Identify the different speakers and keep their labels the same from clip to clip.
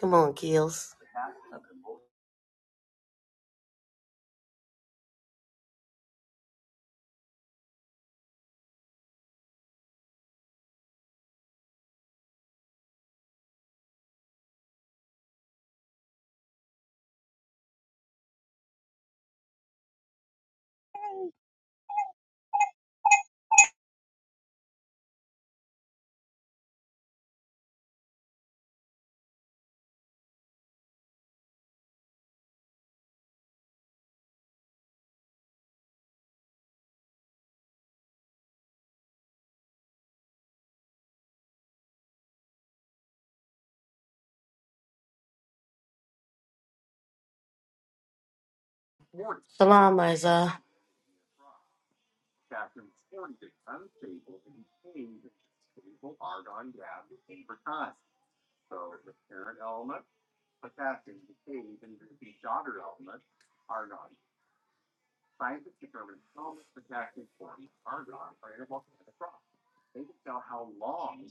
Speaker 1: Come on, Keels. Salam, Isa.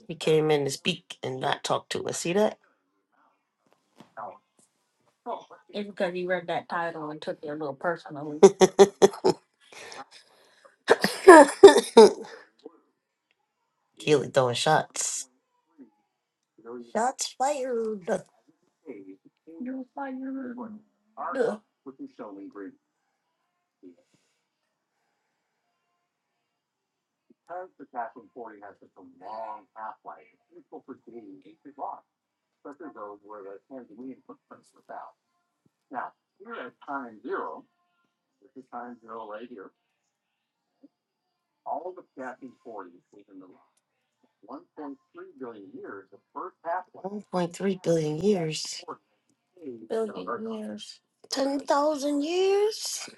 Speaker 1: You came in to speak and not talk to us. See that? Keely throwing shots. Shots fired. 1.3 billion years. 10,000 years?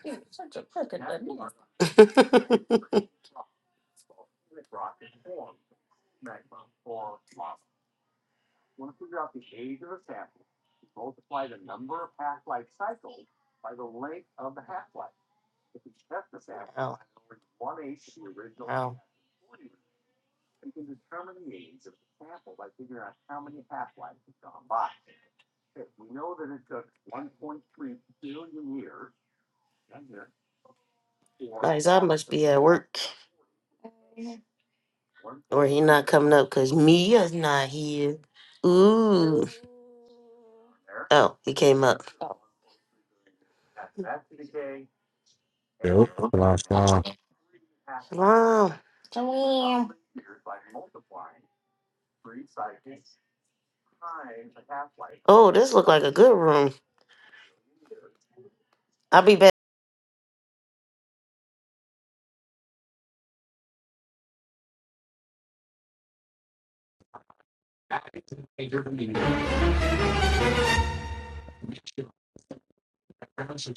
Speaker 1: Wow. Wow. Isa must be at work or he not coming up because Mia's not here. Ooh. Oh, he came up.
Speaker 2: Yep, that's what I saw.
Speaker 1: Wow. Oh, this look like a good room. I'll be back.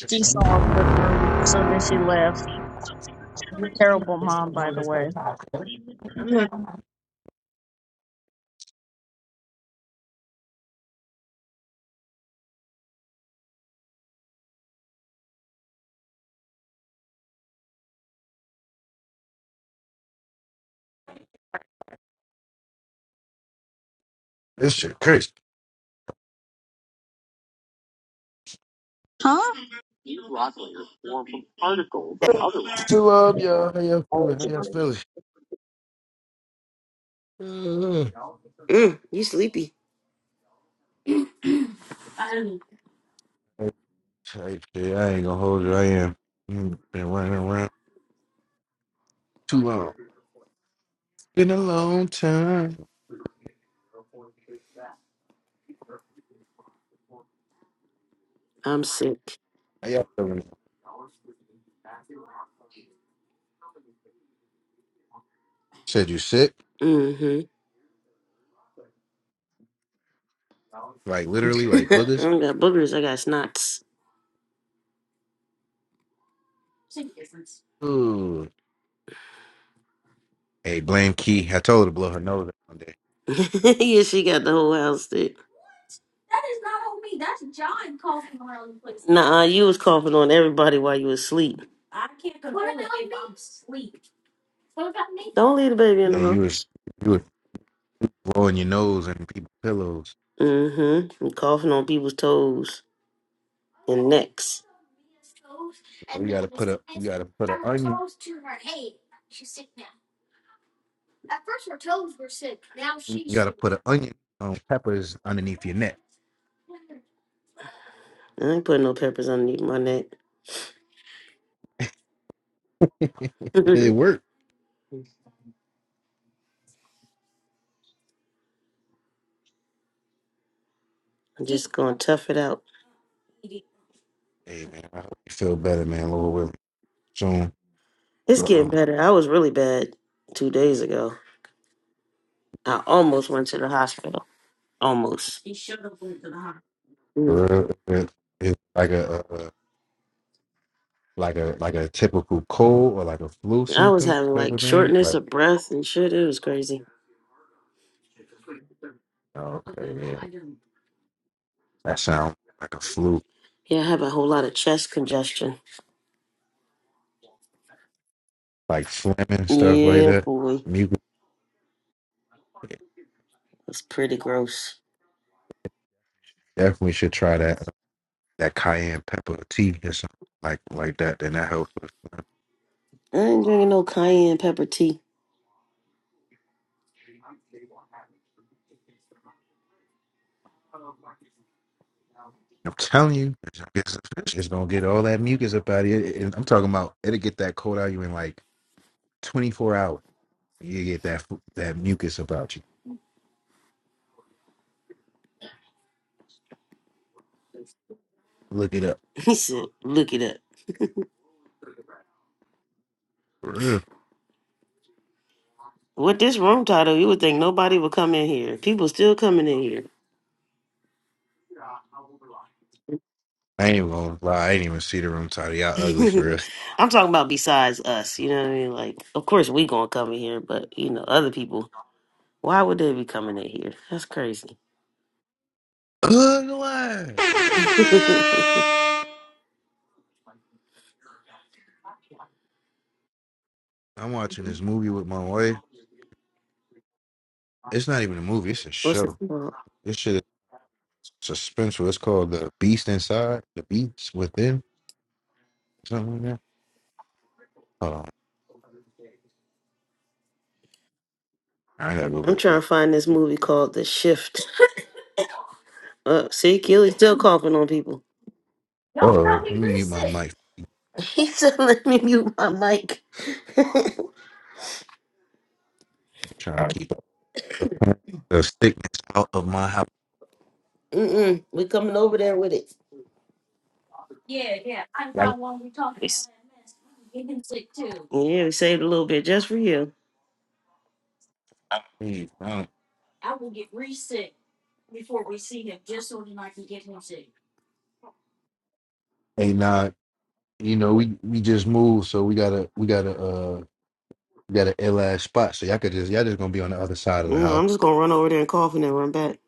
Speaker 3: She saw a good room, so then she left. Terrible mom, by the way.
Speaker 2: This shit crazy.
Speaker 3: Huh?
Speaker 2: Still up, y'all. How y'all feeling? How y'all feeling? Uh,
Speaker 1: Mm, you sleepy?
Speaker 2: Type shit. I ain't gonna hold you. I am. Mm, Been running around too long. Been a long time.
Speaker 1: I'm sick.
Speaker 2: How y'all feeling? Said you sick?
Speaker 1: Mm-hmm.
Speaker 2: Like literally, like
Speaker 1: I
Speaker 2: boogers?
Speaker 1: don't got boogers. I got snots.
Speaker 2: Ooh. Hey, blame Key. I told her to blow her nose out one day.
Speaker 1: yeah, she got the whole house sick. Nah, you was coughing on everybody while you was asleep. Don't leave the baby in
Speaker 2: Yeah,
Speaker 1: the
Speaker 2: you
Speaker 1: room.
Speaker 2: was you was blowing your nose and people's pillows.
Speaker 1: Mm-hmm. I'm coughing on people's toes and necks.
Speaker 2: We gotta put a we gotta put an onion. You gotta put an onion on peppers underneath your neck.
Speaker 1: I ain't putting no peppers underneath my neck.
Speaker 2: It
Speaker 1: I'm
Speaker 2: worked.
Speaker 1: just gonna tough it out.
Speaker 2: Hey man, I hope you feel better, man. Lord willing, soon.
Speaker 1: It's
Speaker 2: But,
Speaker 1: getting
Speaker 2: um,
Speaker 1: better. I was really bad two days ago. I almost went to the hospital. Almost.
Speaker 2: for
Speaker 1: Mm.
Speaker 2: real, it- it's like a, a a- like a like a typical cold or like a flu
Speaker 1: I was
Speaker 2: symptom
Speaker 1: having
Speaker 2: type of
Speaker 1: like
Speaker 2: thing.
Speaker 1: shortness
Speaker 2: Like
Speaker 1: of breath and shit. It was crazy.
Speaker 2: oh, okay, yeah, that sounds like a flu,
Speaker 1: Yeah, I have a whole lot of chest congestion.
Speaker 2: like phlegm and stuff like
Speaker 1: Yeah,
Speaker 2: that.
Speaker 1: boy.
Speaker 2: You could-
Speaker 1: It's pretty gross.
Speaker 2: definitely should try that uh, that cayenne pepper tea or something like like that. Then that helps. with phlegm.
Speaker 1: I ain't drinking no cayenne pepper tea.
Speaker 2: I'm telling you, it's guess the gonna get all that mucus up out of you. And I'm talking about it'll get that cold out of you in like 24 hours. You get that fu- that mucus about you. Look it up.
Speaker 1: He said, look it up.
Speaker 2: Ugh.
Speaker 1: With this room title, you would think nobody would come in here. People still coming in here.
Speaker 2: I ain't even gonna lie. I ain't even see the room title. Y'all ugly for real.
Speaker 1: I'm talking about besides us. You know what I mean? Like, of course we gonna come in here, but you know, other people Why would they be coming in here? That's crazy.
Speaker 2: Ugly.
Speaker 1: What's
Speaker 2: I'm watching this movie with my wife. It's not even a movie. It's a
Speaker 1: it
Speaker 2: show.
Speaker 1: called?
Speaker 2: This shit is suspenseful. It's called The Beast Inside, The Beast Within, something like that. Hold on. I gotta go
Speaker 1: I'm trying
Speaker 2: back.
Speaker 1: to find this movie called The Shift. Uh, see, Keely's still coughing on people.
Speaker 2: Oh, let me mute my mic.
Speaker 1: He said, "Let me mute my mic."
Speaker 2: trying to keep the the sickness out of my house.
Speaker 1: Mm-mm, we coming over there with it. It's- Yeah,
Speaker 2: Like,
Speaker 1: we saved a little bit just for you.
Speaker 2: please, man. Hey, nah, you know we we just moved, so we got to we got to uh we got an ill ass spot. So y'all could just y'all just gonna be on the other side of the
Speaker 1: No,
Speaker 2: house.
Speaker 1: I'm just gonna run over there and cough and then run back.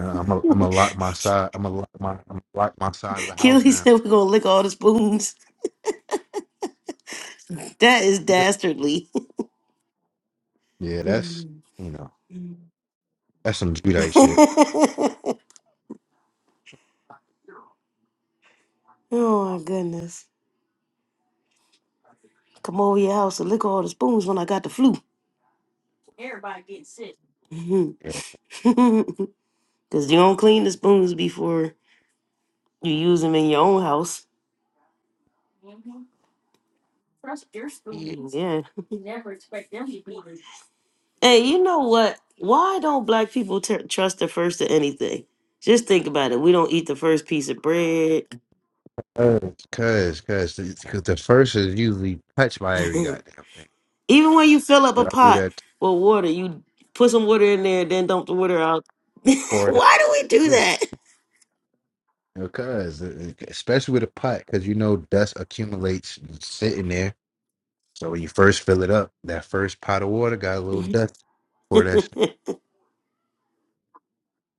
Speaker 2: Uh, I'm gonna i I'm gonna lock my side. I'm gonna lock my I'm gonna lock my side of the house
Speaker 1: Keely
Speaker 2: now.
Speaker 1: said we're gonna lick all the spoons. That is
Speaker 2: Yeah,
Speaker 1: dastardly.
Speaker 2: Yeah, that's you know that's some Judite shit.
Speaker 1: oh my goodness. Come over your house and lick all the spoons when I got the flu.
Speaker 2: Yeah,
Speaker 1: Because you don't clean the spoons before you use them in your own house. Trust your
Speaker 2: yeah.
Speaker 1: spoons. Yeah. Hey, you know what? Why don't black people ter- trust the first of anything? Just think about it. We don't eat the first piece of bread.
Speaker 2: Cause, cause, the 'cause the first is usually touched by every goddamn thing.
Speaker 1: Even when you fill up
Speaker 2: Yeah,
Speaker 1: a
Speaker 2: I do
Speaker 1: pot
Speaker 2: that.
Speaker 1: with water, you put some water in there, then dump the water out.
Speaker 2: Pour it out.
Speaker 1: Why do
Speaker 2: Yeah. Because especially with a pot, because you know dust accumulates sitting there. So when you first fill it up, that first pot of water got a little
Speaker 1: we
Speaker 2: dust for
Speaker 1: do
Speaker 2: that. Shit.
Speaker 1: that?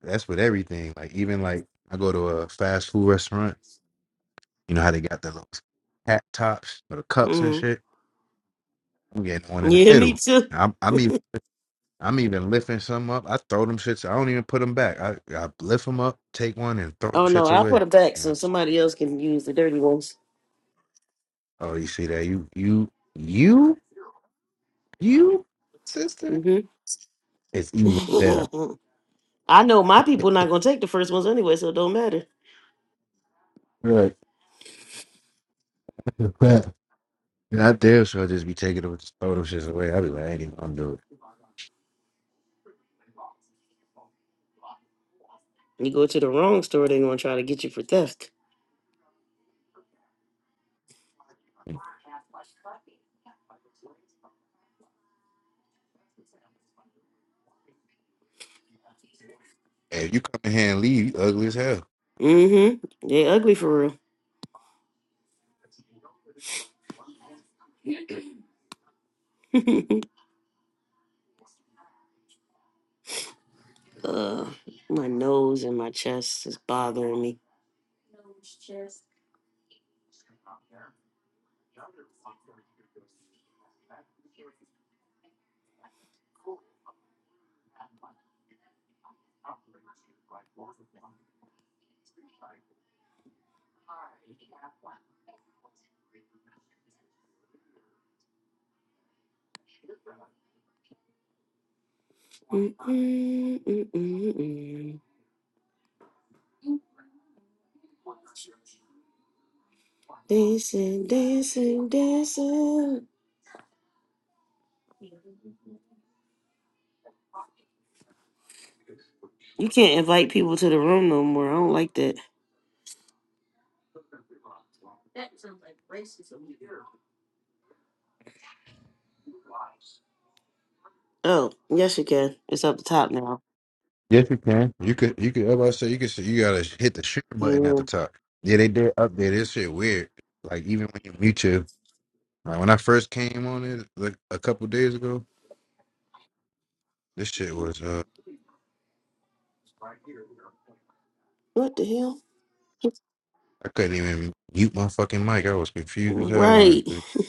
Speaker 2: That's with everything. Like even like I go to a fast food restaurant, you know how they got the little hat tops or the cups and
Speaker 1: mm.
Speaker 2: shit. I'm getting one in the
Speaker 1: Yeah, me
Speaker 2: middle.
Speaker 1: too.
Speaker 2: I'm I'm even I'm even lifting some up. I throw them shits. I don't even put them back. I I lift them up, take one, and throw them
Speaker 1: Oh no,
Speaker 2: shits
Speaker 1: I put
Speaker 2: away.
Speaker 1: them back
Speaker 2: You know what
Speaker 1: so
Speaker 2: I'm saying?
Speaker 1: somebody else can use the dirty ones.
Speaker 2: Oh, you see that? You you you you sister.
Speaker 1: hmm
Speaker 2: It's evil there.
Speaker 1: I know my people not gonna take the first ones anyway, so it don't matter.
Speaker 2: Right. Not there, so I damn sure just be taking them, just throw them shits away. I be like, I ain't even gonna do it.
Speaker 1: You go to the wrong store, they gonna try to get you for theft.
Speaker 2: Hey, if you come in here and leave, you ugly as hell.
Speaker 1: hmm They ugly for real. uh, my nose and my chest is bothering me. Mm-mm, mm-mm-mm. Dancing, dancing, dancing. You can't invite people to the room no more. I don't like that. Oh, yes you can. It's up the top now.
Speaker 2: Yes, you can. You could, you could. I'm about to say you could. say- You gotta hit the share button at
Speaker 1: Yeah.
Speaker 2: the top. Yeah, they did update. This shit weird. Like even when you mute your, like when I first came on it like a couple days ago, this shit was. uh
Speaker 1: What the hell?
Speaker 2: I couldn't even mute my fucking mic. I was confused as hell on this
Speaker 1: Right.
Speaker 2: bitch.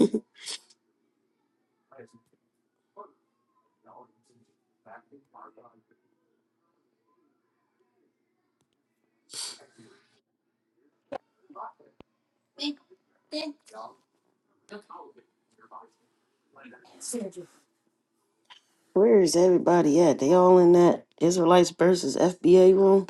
Speaker 1: Where is everybody at? They all in that Israelites versus FBA room?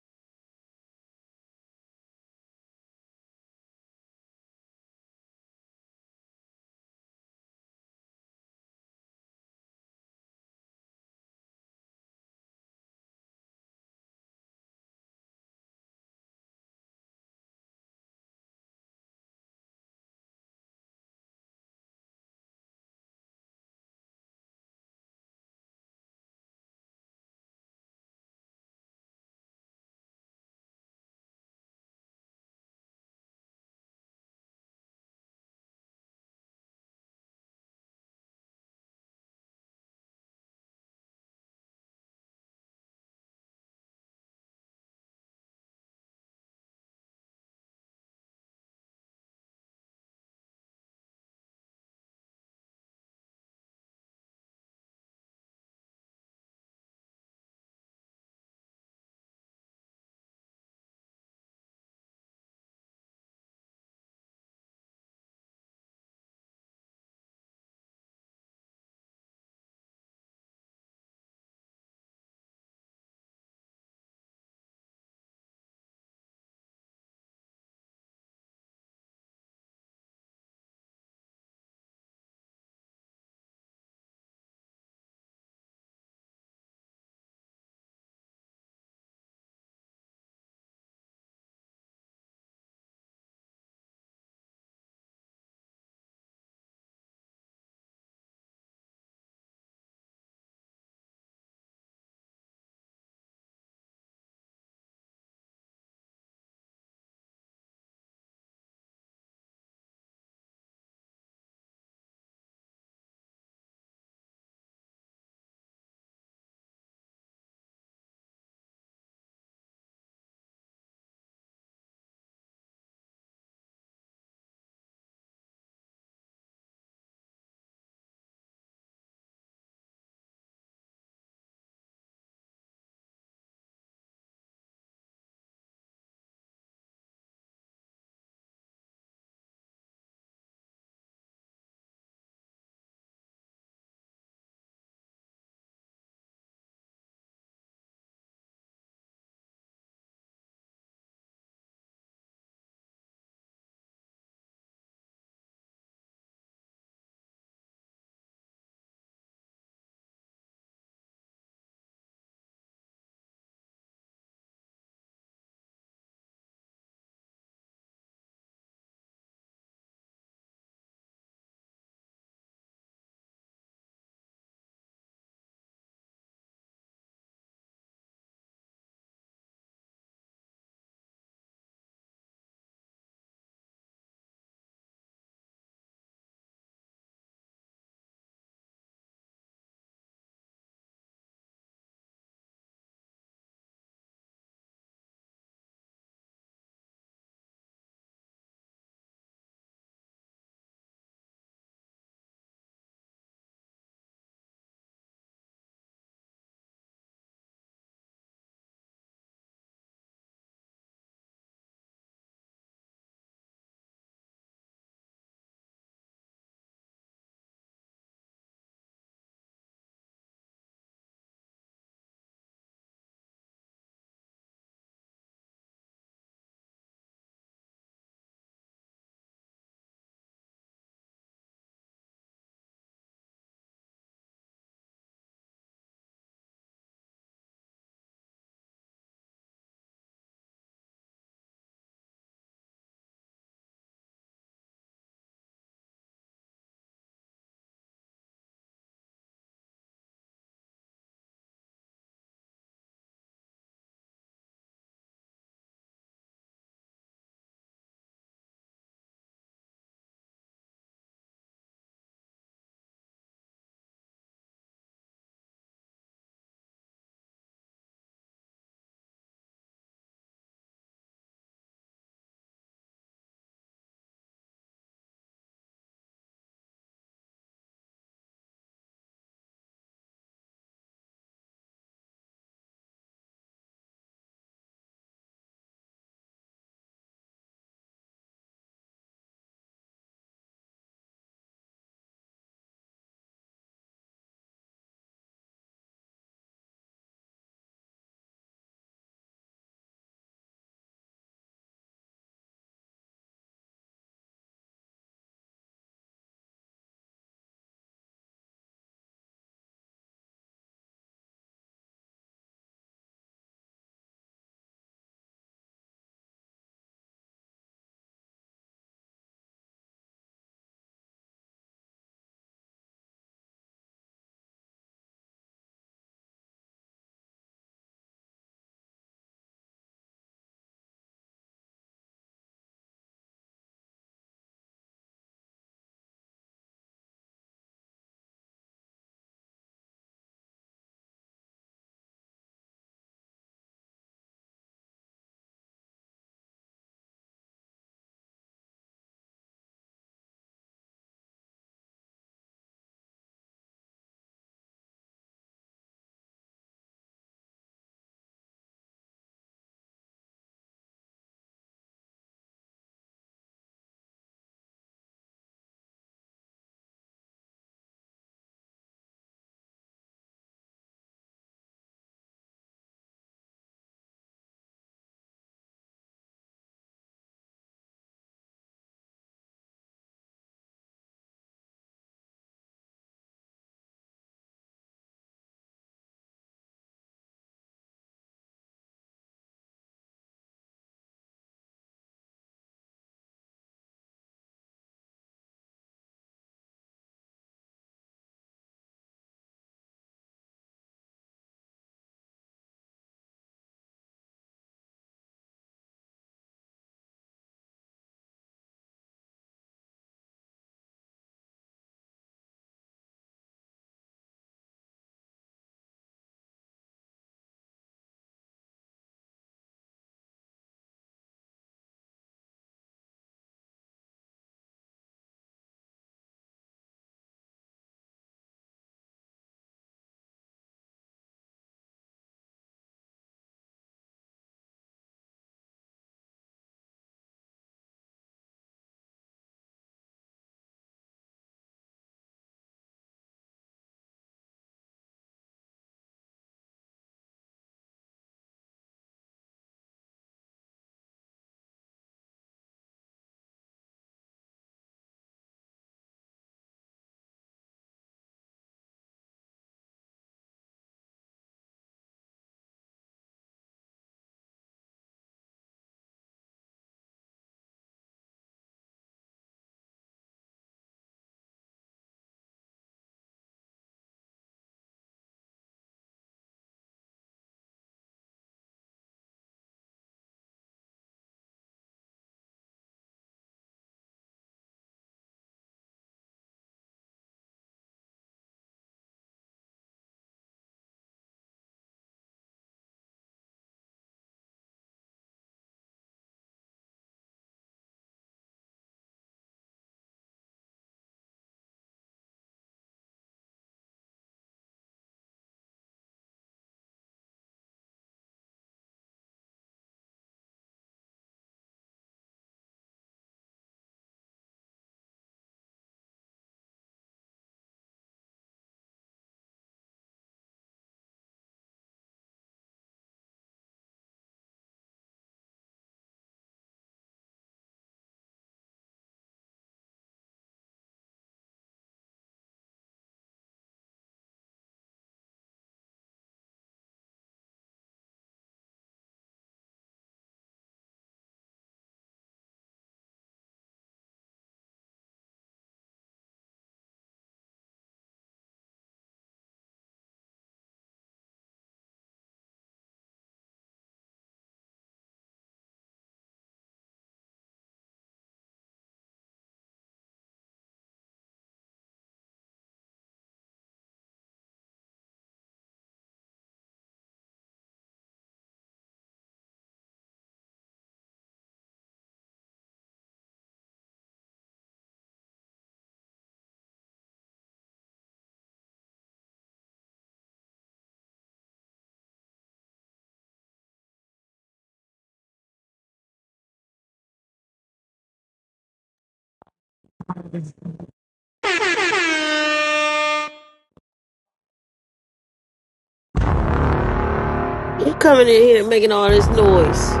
Speaker 1: You coming in here making all this noise.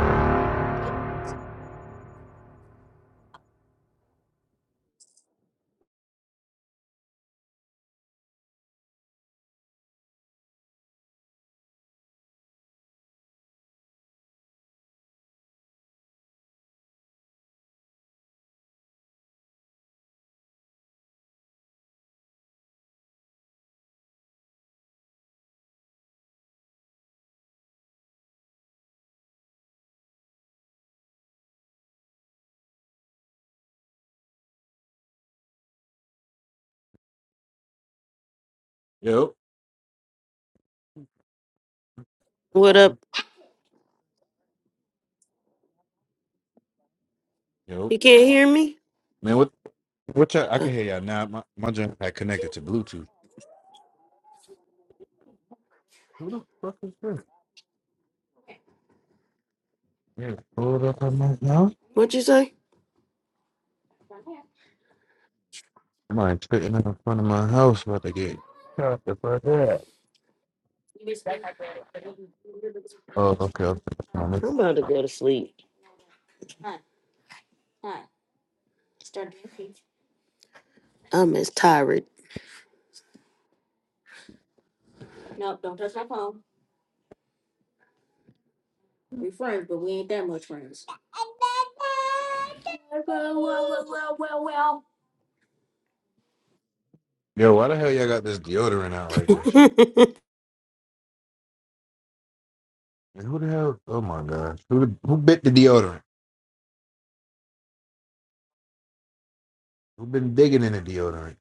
Speaker 2: Yep.
Speaker 1: What up?
Speaker 2: Yep.
Speaker 1: You can't hear me?
Speaker 2: Man, what? Which I, I
Speaker 1: Uh,
Speaker 2: can hear y'all now. My my joint had connected to Bluetooth. Who the fuck is this? Yeah, pulled up on my house.
Speaker 1: what you say?
Speaker 2: Somebody sitting in front of my house about to get shot the fuck up. Oh, okay. okay. I'm
Speaker 1: I'm about to go to sleep. I'm as tired.
Speaker 2: Yo, why the hell y'all got this deodorant out like this? And who the hell? Oh my gosh, who who bit the deodorant? Who been digging in the deodorant?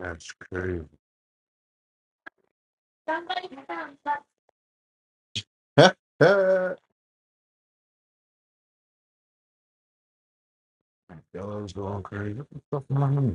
Speaker 2: That's crazy. Dogs going crazy. What the fuck am I doing?